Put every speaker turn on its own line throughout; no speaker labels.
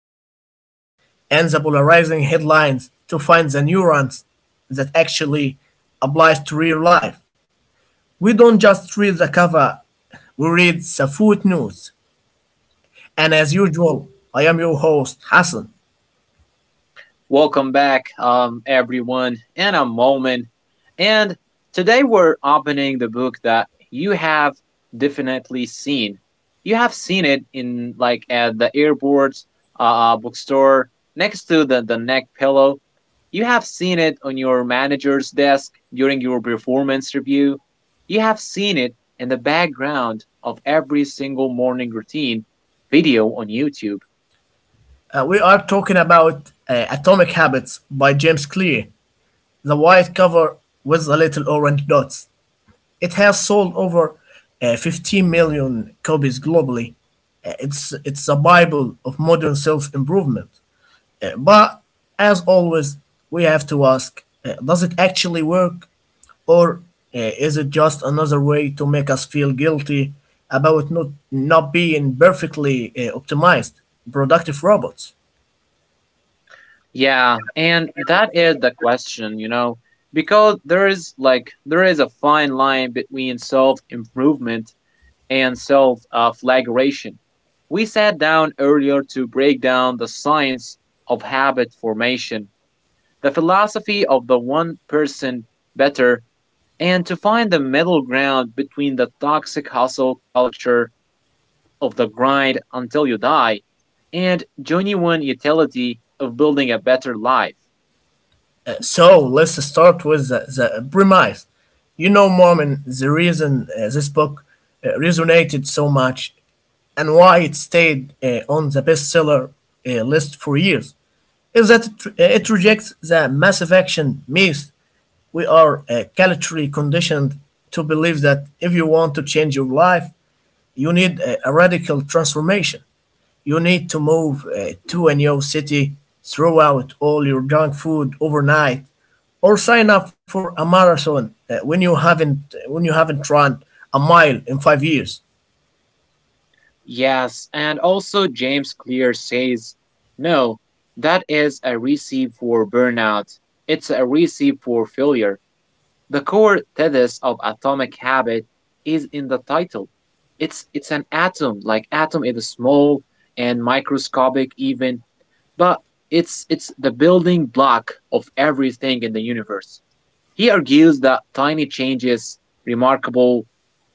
second reels, and the polarizing headlines to find the nuance that actually applies to real life. We don't just read the cover, we read the footnotes. And as usual, I am your host, Hassan.
Welcome back, everyone, in a moment. And today we're opening the book that you have definitely seen. You have seen it in like at the airport, bookstore, next to the neck pillow. You have seen it on your manager's desk during your performance review. You have seen it in the background of every single morning routine video on YouTube.
We are talking about Atomic Habits by James Clear, the white cover with the little orange dots. It has sold over 15 million copies globally. It's a bible of modern self-improvement. But as always, we have to ask: does it actually work, or is it just another way to make us feel guilty about not being perfectly optimized, productive robots?
Yeah, and that is the question, you know, because there is like there is a fine line between self-improvement and self-flagration. We sat down earlier to break down the science of habit formation, the philosophy of the one person better, and to find the middle ground between the toxic hustle culture of the grind until you die and genuine utility of building a better life.
So let's start with the premise. You know, Mormon, the reason this book resonated so much and why it stayed on the bestseller list for years is that it rejects the massive action myth. We are culturally conditioned to believe that if you want to change your life, you need a radical transformation. You need to move to a new city, throw out all your junk food overnight, or sign up for a marathon when you haven't run a mile in 5 years.
Yes, and also James Clear says, no, that is a recipe for burnout. It's a recipe for failure. The core thesis of atomic habit is in the title. It's an atom, like atom is small and microscopic even, but it's the building block of everything in the universe. He argues that tiny changes remarkable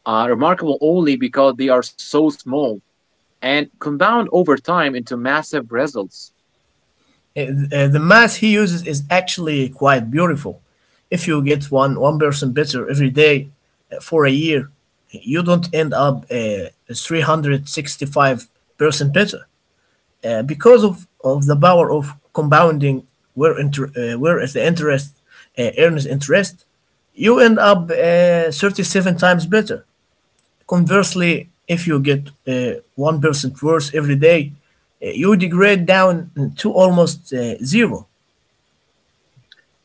are remarkable only because they are so small and compound over time into massive results.
The math he uses is actually quite beautiful. If you get one person better every day for a year, you don't end up 365 percent better. Because of the power of compounding, where is the interest earns interest, you end up 37 times better. Conversely, if you get 1% worse every day, you degrade down to almost zero.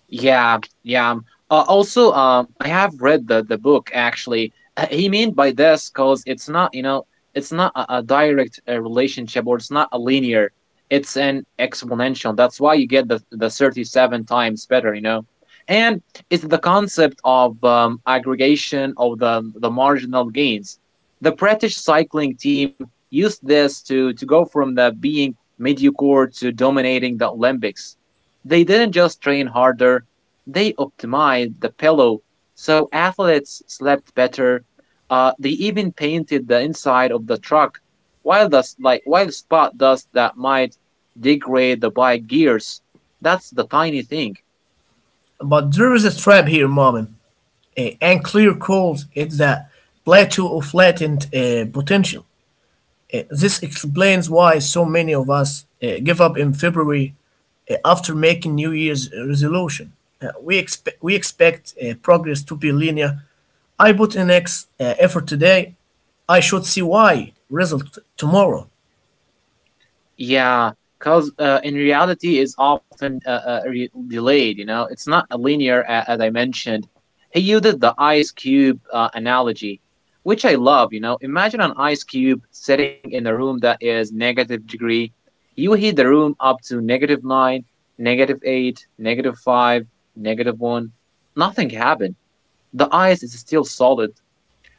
Yeah, yeah. Also, I have read the book actually. He meant by this because it's not, you know, it's not a direct relationship or it's not a linear. It's an exponential. That's why you get the 37 times better, you know. And it's the concept of aggregation of the marginal gains. The British cycling team used this to go from the being mediocre to dominating the Olympics. They didn't just train harder, they optimized the pillow so athletes slept better. They even painted the inside of the truck, while dust like while spot dust that might degrade the bike gears. That's the tiny thing.
But there is a trap here, Marvin. And clear calls it the plateau of latent potential. This explains why so many of us give up in February after making New Year's resolution. We expect progress to be linear. I put in X effort today. I should see Y result tomorrow.
Yeah, because in reality is often delayed. You know, it's not a linear a- as I mentioned. He used the ice cube analogy, which I love. You know, imagine an ice cube sitting in a room that is negative degree. You heat the room up to negative nine, negative eight, negative five, negative one. Nothing happened. The ice is still solid.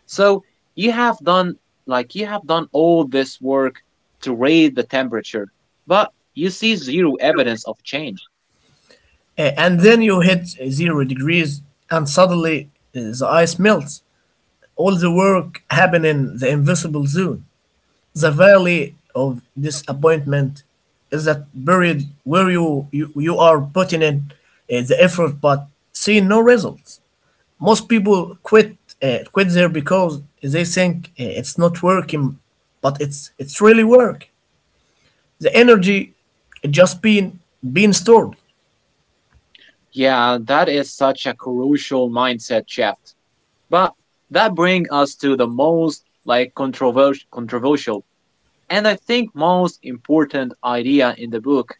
So you have done like you have done all this work to raise the temperature, but you see zero evidence of change.
And then you hit 0 degrees, and suddenly the ice melts. All the work happened in the invisible zone. The valley of disappointment is that period where you are putting in the effort but see no results. Most people quit there because they think it's not working, but it's really work. The energy just being stored.
Yeah, that is such a crucial mindset shift. But that brings us to the most like controversial and I think most important idea in the book,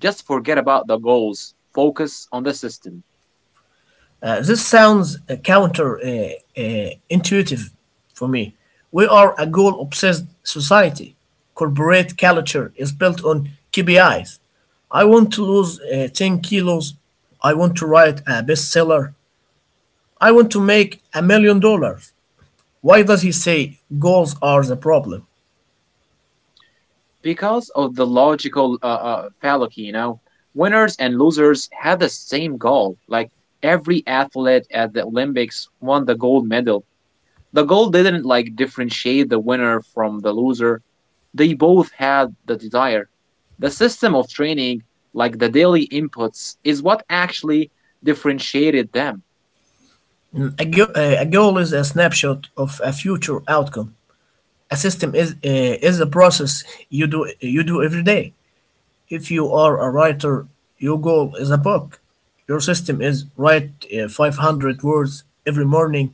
just forget about the goals, focus on the system.
This sounds counter intuitive for me. We are a goal obsessed society. Corporate culture is built on KPIs. I want to lose 10 kilos. I want to write a bestseller. I want to make $1 million. Why does he say goals are the problem?
Because of the logical fallacy, you know, winners and losers have the same goal. Like every athlete at the Olympics won the gold medal. The goal didn't like differentiate the winner from the loser. They both had the desire. The system of training, like the daily inputs, is what actually differentiated them.
A goal is a snapshot of a future outcome. A system is a process you do every day. If you are a writer, your goal is a book. Your system is write 500 words every morning.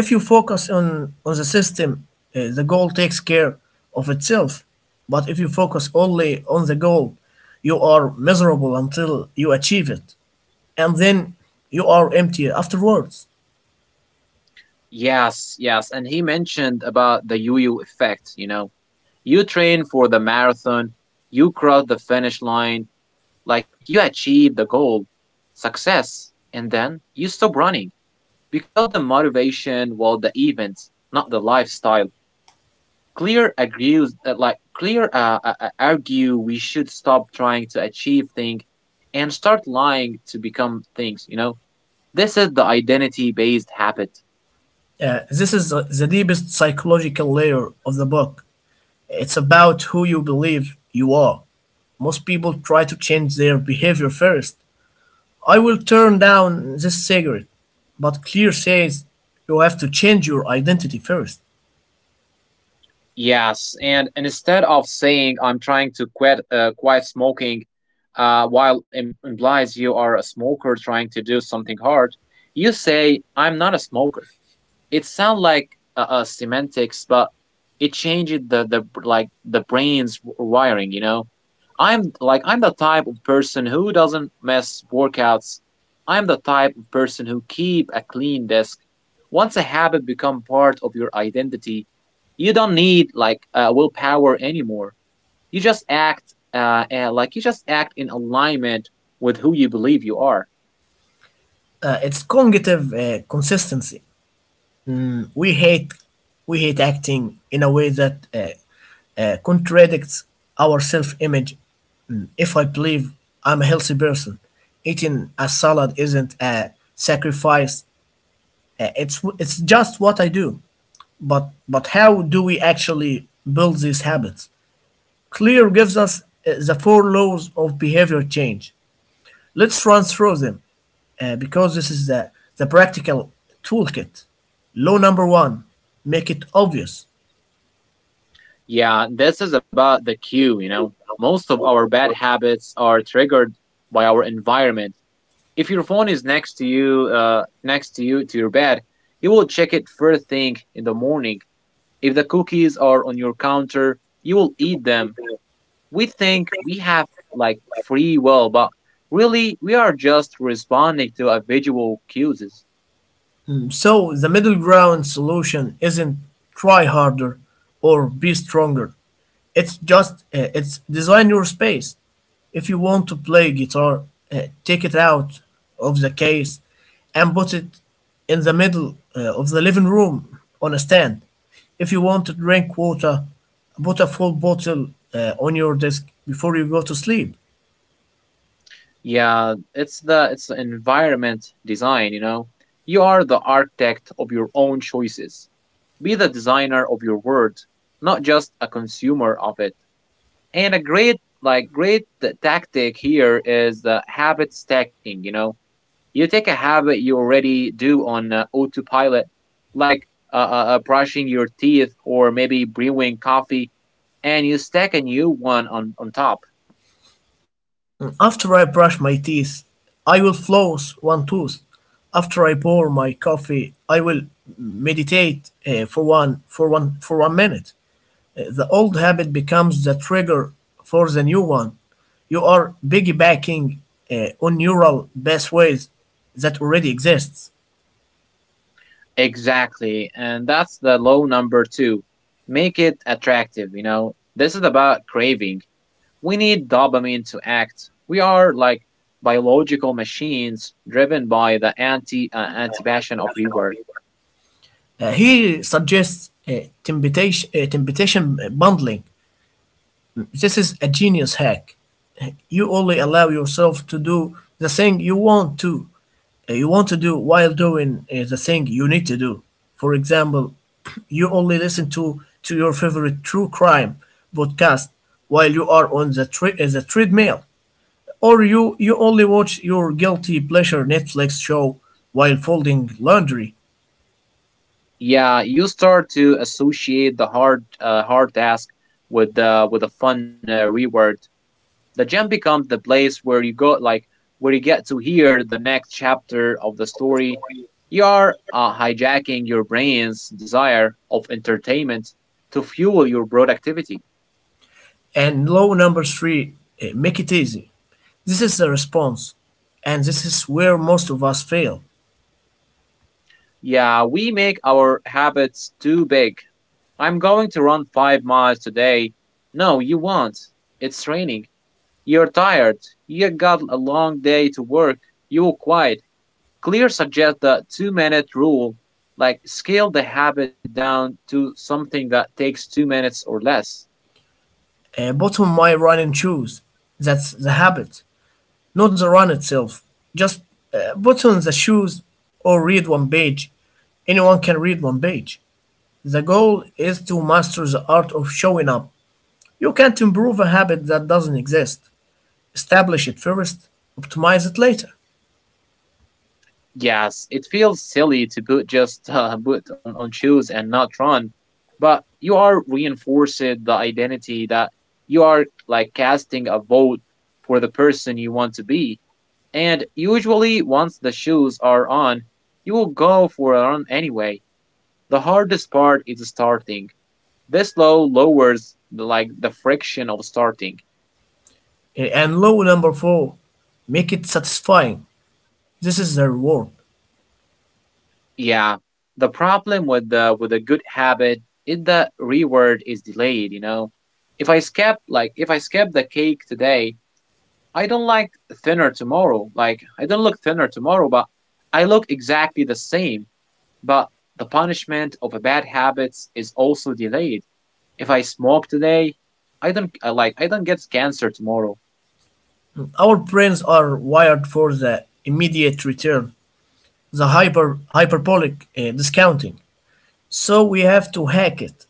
If you focus on the system, the goal takes care of itself. But if you focus only on the goal, you are miserable until you achieve it. And then you are empty afterwards.
Yes, yes. And he mentioned about the yo yo effect, you know. You train for the marathon, you cross the finish line, like you achieve the goal, success, and then you stop running because the motivation was the event, not the lifestyle. Clear agrees, like Clear argue we should stop trying to achieve things and start lying to become things. You know, this is the identity-based habit.
This is the deepest psychological layer of the book. It's about who you believe you are. Most people try to change their behavior first. I will turn down this cigarette, but Clear says you have to change your identity first.
Yes, and instead of saying I'm trying to quit smoking, while im- implies you are a smoker trying to do something hard, you say I'm not a smoker. It sounds like semantics, but it changed the like the brain's wiring. You know, I'm the type of person who doesn't mess workouts. I'm the type of person who keep a clean desk. Once a habit become part of your identity, you don't need like willpower anymore. You just act in alignment with who you believe you are.
It's cognitive consistency. We hate we hate acting in a way that contradicts our self-image. If I believe I'm a healthy person, eating a salad isn't a sacrifice. It's just what I do. But how do we actually build these habits? Clear gives us the four laws of behavior change. Let's run through them because this is the practical toolkit. Law number one, make it obvious.
Yeah, this is about the cue, you know. Most of our bad habits are triggered by our environment. If your phone is next to you, to your bed, you will check it first thing in the morning. If the cookies are on your counter, you will eat them. We think we have like free will, but really we are just responding to a visual cues.
So the middle ground solution isn't try harder or be stronger. It's just it's design your space. If you want to play guitar, take it out of the case and put it in the middle of the living room on a stand. If you want to drink water, put a full bottle on your desk before you go to sleep.
Yeah, it's the environment design, you know. You are the architect of your own choices. Be the designer of your world, not just a consumer of it. And a great t- tactic here is the habit stacking, you know. You take a habit you already do on autopilot, like brushing your teeth or maybe brewing coffee, and you stack a new one on top.
After I brush my teeth, I will floss one tooth. After I pour my coffee, I will meditate for 1 minute. The old habit becomes the trigger for the new one. You are piggybacking on neural pathways that already exists.
Exactly. And that's the low number two. Make it attractive, you know. This is about craving. We need dopamine to act. We are like biological machines driven by the anti passion of reward.
He suggests temptation bundling. This is a genius hack. You only allow yourself to do the thing you want to do while doing the thing you need to do. For example, you only listen to your favorite true crime podcast while you are on the treadmill, or you only watch your guilty pleasure Netflix show while folding laundry.
Yeah, you start to associate the hard task with the fun reward. The gym becomes the place where you go like where you get to hear the next chapter of the story you are hijacking your brain's desire of entertainment to fuel your productivity.
And low number three, make it easy. This is the response, and this is where most of us fail.
Yeah, we make our habits too big. I'm going to run 5 miles today. No you won't. It's raining, you're tired, you got a long day to work, you will quit. Clear suggests the two-minute rule, like scale the habit down to something that takes 2 minutes or less.
Bottom my running shoes. That's the habit, not the run itself. Just button the shoes or read one page. Anyone can read one page. The goal is to master the art of showing up. You can't improve a habit that doesn't exist. Establish it first, optimize it later.
Yes, it feels silly to put just put on shoes and not run, but you are reinforcing the identity that you are like casting a vote for the person you want to be. And usually, once the shoes are on, you will go for a run anyway. The hardest part is starting. This law lowers the, like the friction of starting.
And law number four, make it satisfying. This is the reward.
Yeah, the problem with the with a good habit is the reward is delayed. You know, if I skip the cake today, I don't like thinner tomorrow. Like I don't look thinner tomorrow, but I look exactly the same. But the punishment of a bad habits is also delayed. If I smoke today, I don't get cancer tomorrow.
Our brains are wired for the immediate return, the hyperbolic discounting. So we have to hack it.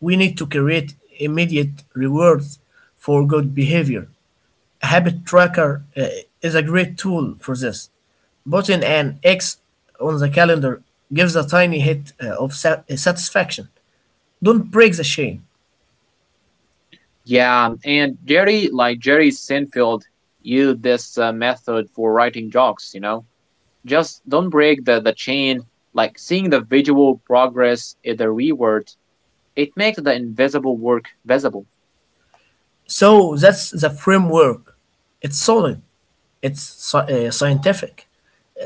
We need to create immediate rewards for good behavior. Habit Tracker is a great tool for this. Putting an X on the calendar gives a tiny hit of satisfaction. Don't break the chain.
Yeah, and Jerry Seinfeld used this method for writing jokes. You know, just don't break the chain. Like seeing the visual progress in the reward, it makes the invisible work visible.
So that's the framework. It's solid, it's scientific.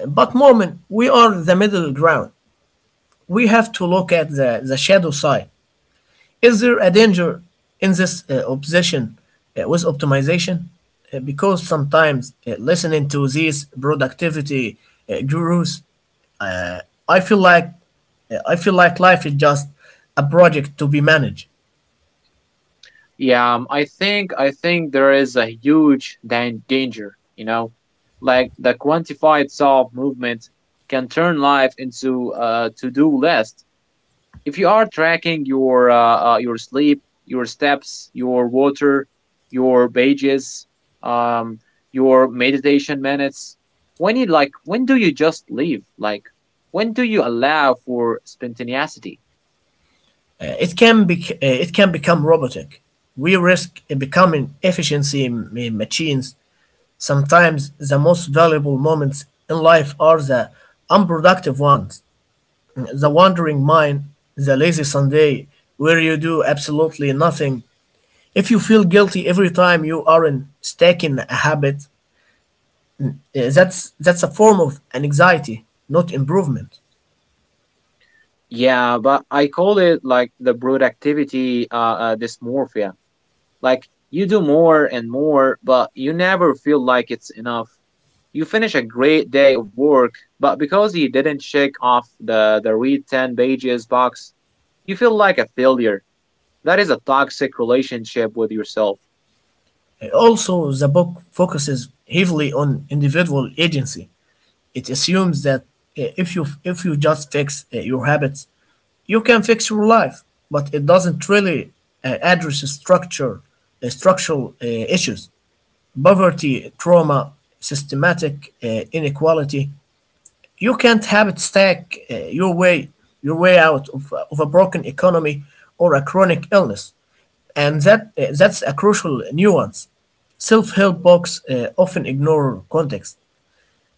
But Mormon, we are the middle ground. We have to look at the shadow side. Is there a danger in this obsession with optimization? Because sometimes listening to these productivity gurus, I feel like I feel like life is just a project to be managed.
Yeah, I think there is a huge dan- danger. You know, like the quantified solve movement can turn life into a to do list. If you are tracking your sleep, your steps, your water, your pages, um, your meditation minutes, when you like, when do you just leave? Like, when do you allow for spontaneity?
It can be it can become robotic. We risk becoming efficiency machines. Sometimes the most valuable moments in life are the unproductive ones. The Wandering Mind, The Lazy Sunday, where you do absolutely nothing. If you feel guilty every time you aren't stacking a habit, that's a form of anxiety, not improvement.
Yeah, but I call it like the productivity dysmorphia. Like you do more and more, but you never feel like it's enough. You finish a great day of work, but because you didn't check off the read 10 pages box, you feel like a failure. That is a toxic relationship with yourself.
Also, the book focuses heavily on individual agency. It assumes that if you just fix your habits, you can fix your life, but it doesn't really address structural issues. Poverty, trauma, systematic inequality. You can't have it stack your way out of a broken economy or a chronic illness, and that's a crucial nuance. Self-help books often ignore context.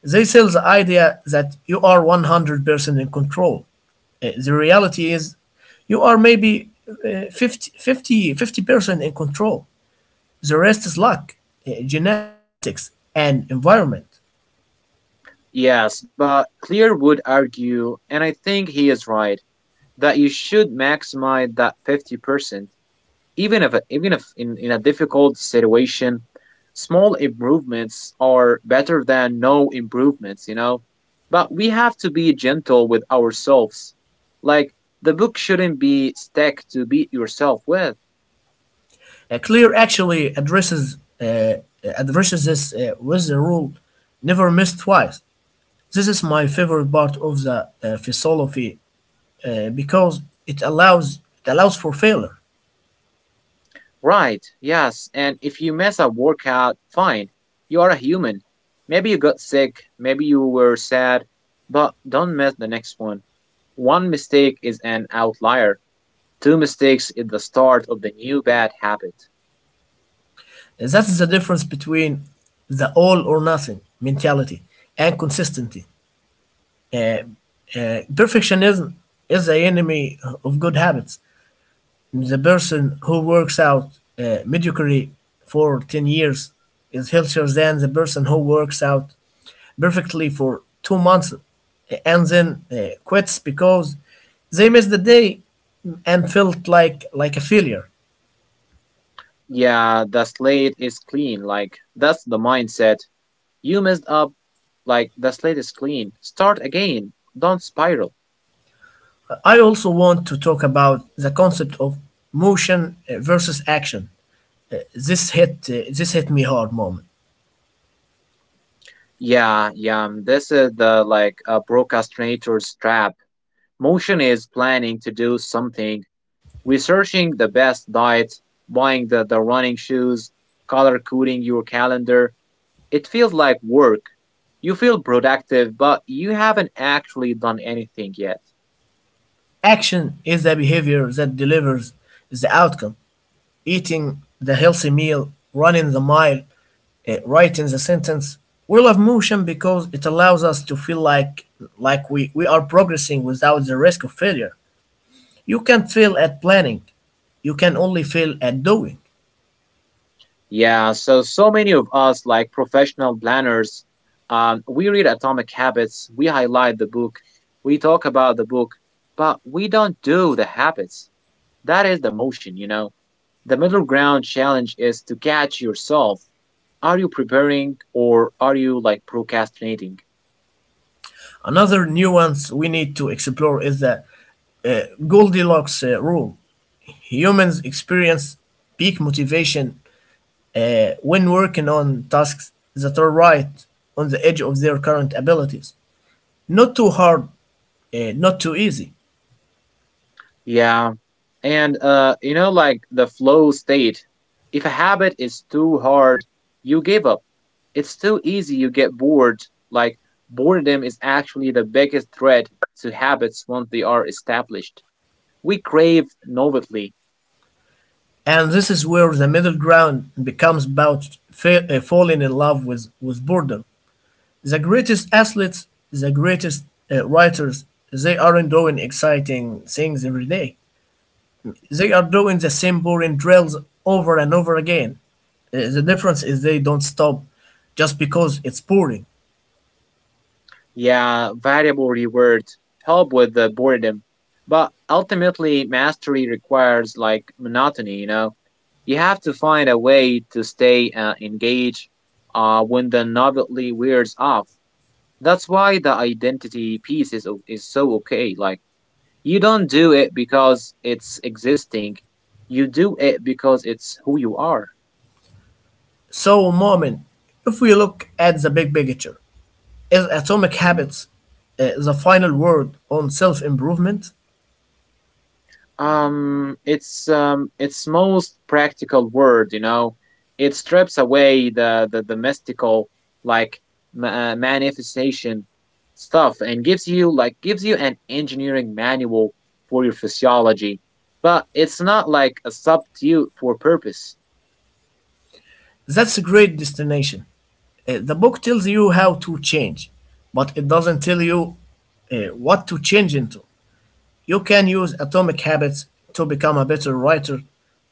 They sell the idea that you are 100% in control. The reality is you are maybe 50% in control. The rest is luck, genetics, and environment.
Yes, but Clear would argue, and I think he is right, that you should maximize that 50%. Even if even if in, in a difficult situation small improvements are better than no improvements, you know, but we have to be gentle with ourselves, like the book shouldn't be stacked to beat yourself with.
Clear actually addresses this with the rule "never miss twice." This is my favorite part of the philosophy because it allows for failure.
Right, yes, and if you mess up workout, fine. You are a human. Maybe you got sick, maybe you were sad, but don't mess the next one. One mistake is an outlier. Two mistakes is the start of the new bad habit.
That's the difference between the all or nothing mentality and consistency. Perfectionism is the enemy of good habits. The person who works out mediocrity for 10 years is healthier than the person who works out perfectly for 2 months and then quits because they missed the day and felt like a failure.
Yeah, the slate is clean. Like, that's the mindset. You messed up. Like, the slate is clean. Start again. Don't spiral.
I also want to talk about the concept of motion versus action. This hit me hard moment.
Yeah, yeah. This is the like a procrastinator's trap. Motion is planning to do something, researching the best diet, buying the running shoes, color coding your calendar. It feels like work. You feel productive, but you haven't actually done anything yet.
Action is the behavior that delivers the outcome. Eating the healthy meal, running the mile, writing the sentence. We love motion because it allows us to feel like we are progressing without the risk of failure. You can't fail at planning. You can only fail at doing.
Yeah, so so many of us like professional planners, we read Atomic Habits, we highlight the book, we talk about the book, but we don't do the habits. That is the motion, you know. The middle ground challenge is to catch yourself. Are you preparing or are you like procrastinating?
Another nuance we need to explore is the uh, Goldilocks rule. Humans experience peak motivation when working on tasks that are right on the edge of their current abilities. Not too hard, not too easy.
Yeah. And you know like the flow state. If a habit is too hard, you give up. It's too easy, you get bored. Like boredom is actually the biggest threat to habits once they are established. We crave novelty.
And this is where the middle ground becomes about falling in love with boredom. The greatest athletes, the greatest writers, they aren't doing exciting things every day. They are doing the same boring drills over and over again. The difference is they don't stop just because it's boring.
Yeah, variable rewards help with the boredom, but ultimately mastery requires like monotony, you know. You have to find a way to stay engaged when the novelty wears off. That's why the identity piece is o- is so okay. Like you don't do it because it's existing. You do it because it's who you are.
So, Mormon, if we look at the big picture, is Atomic Habits the final word on self improvement?
It's its most practical word, you know, it strips away the mystical like manifestation stuff and gives you an engineering manual for your physiology, but it's not like a substitute for purpose.
That's a great destination. The book tells you how to change, but it doesn't tell you what to change into. You can use atomic habits to become a better writer,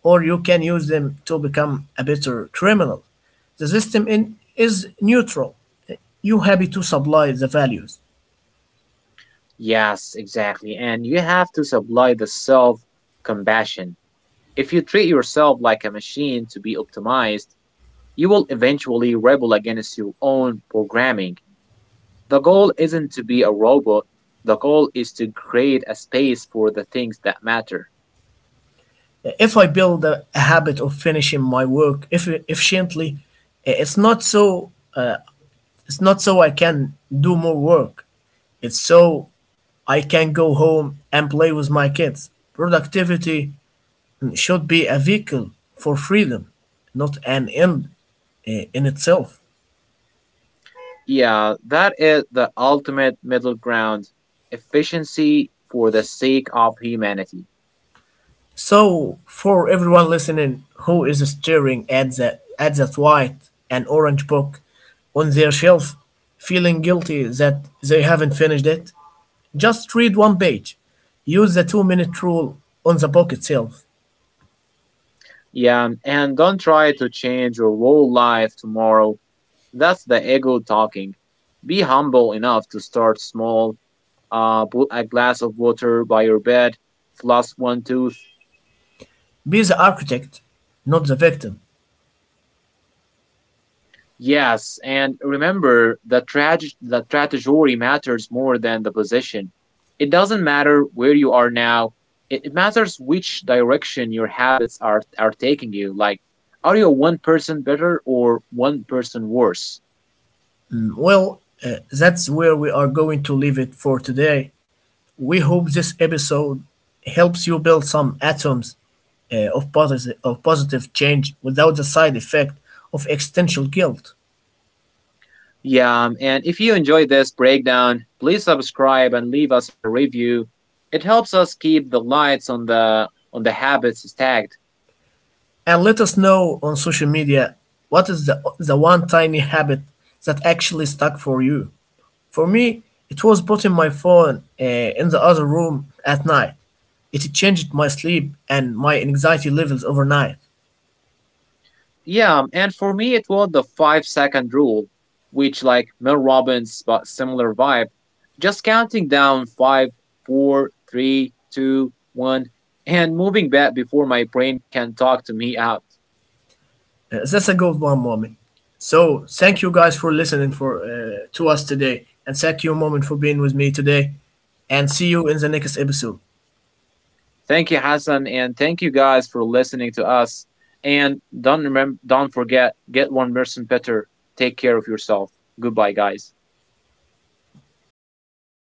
or you can use them to become a better criminal. The system in, is neutral. You happy to supply the values.
Yes, exactly, and you have to supply the self compassion. If you treat yourself like a machine to be optimized, you will eventually rebel against your own programming. The goal isn't to be a robot, the goal is to create a space for the things that matter.
If I build a habit of finishing my work efficiently, uh, it's not so uh, It's not so I can do more work. It's so I can go home and play with my kids. Productivity should be a vehicle for freedom, not an end in itself.
Yeah, that is the ultimate middle ground efficiency for the sake of humanity.
So, for everyone listening who is staring at the at that white and orange book on their shelf, feeling guilty that they haven't finished it, just read one page. Use the 2 minute rule on the book itself.
Yeah, and don't try to change your whole life tomorrow. That's the ego talking. Be humble enough to start small. Put a glass of water by your bed, floss one tooth.
Be the architect, not the victim.
Yes, and remember that trage- the trajectory matters more than the position. It doesn't matter where you are now. It matters which direction your habits are taking you. Like, are you one person better or one person worse?
Well, that's where we are going to leave it for today. We hope this episode helps you build some atoms of positive change without the side effect of existential guilt.
Yeah, and if you enjoyed this breakdown, please subscribe and leave us a review. It helps us keep the lights on the habits stacked.
And let us know on social media what is the one tiny habit that actually stuck for you. For me, it was putting my phone in the other room at night. It changed my sleep and my anxiety levels overnight.
Yeah, and for me it was the five-second rule, which like Mel Robbins but similar vibe. Just counting down five, four, three, two, one, and moving back before my brain can talk to me out.
That's a good one, Mommy. So, thank you guys for listening for to us today, and thank you, moment, for being with me today. And see you in the next episode.
Thank you, Hassan, and thank you guys for listening to us. And don't remember, don't forget, get one person better. Take care of yourself. Goodbye, guys.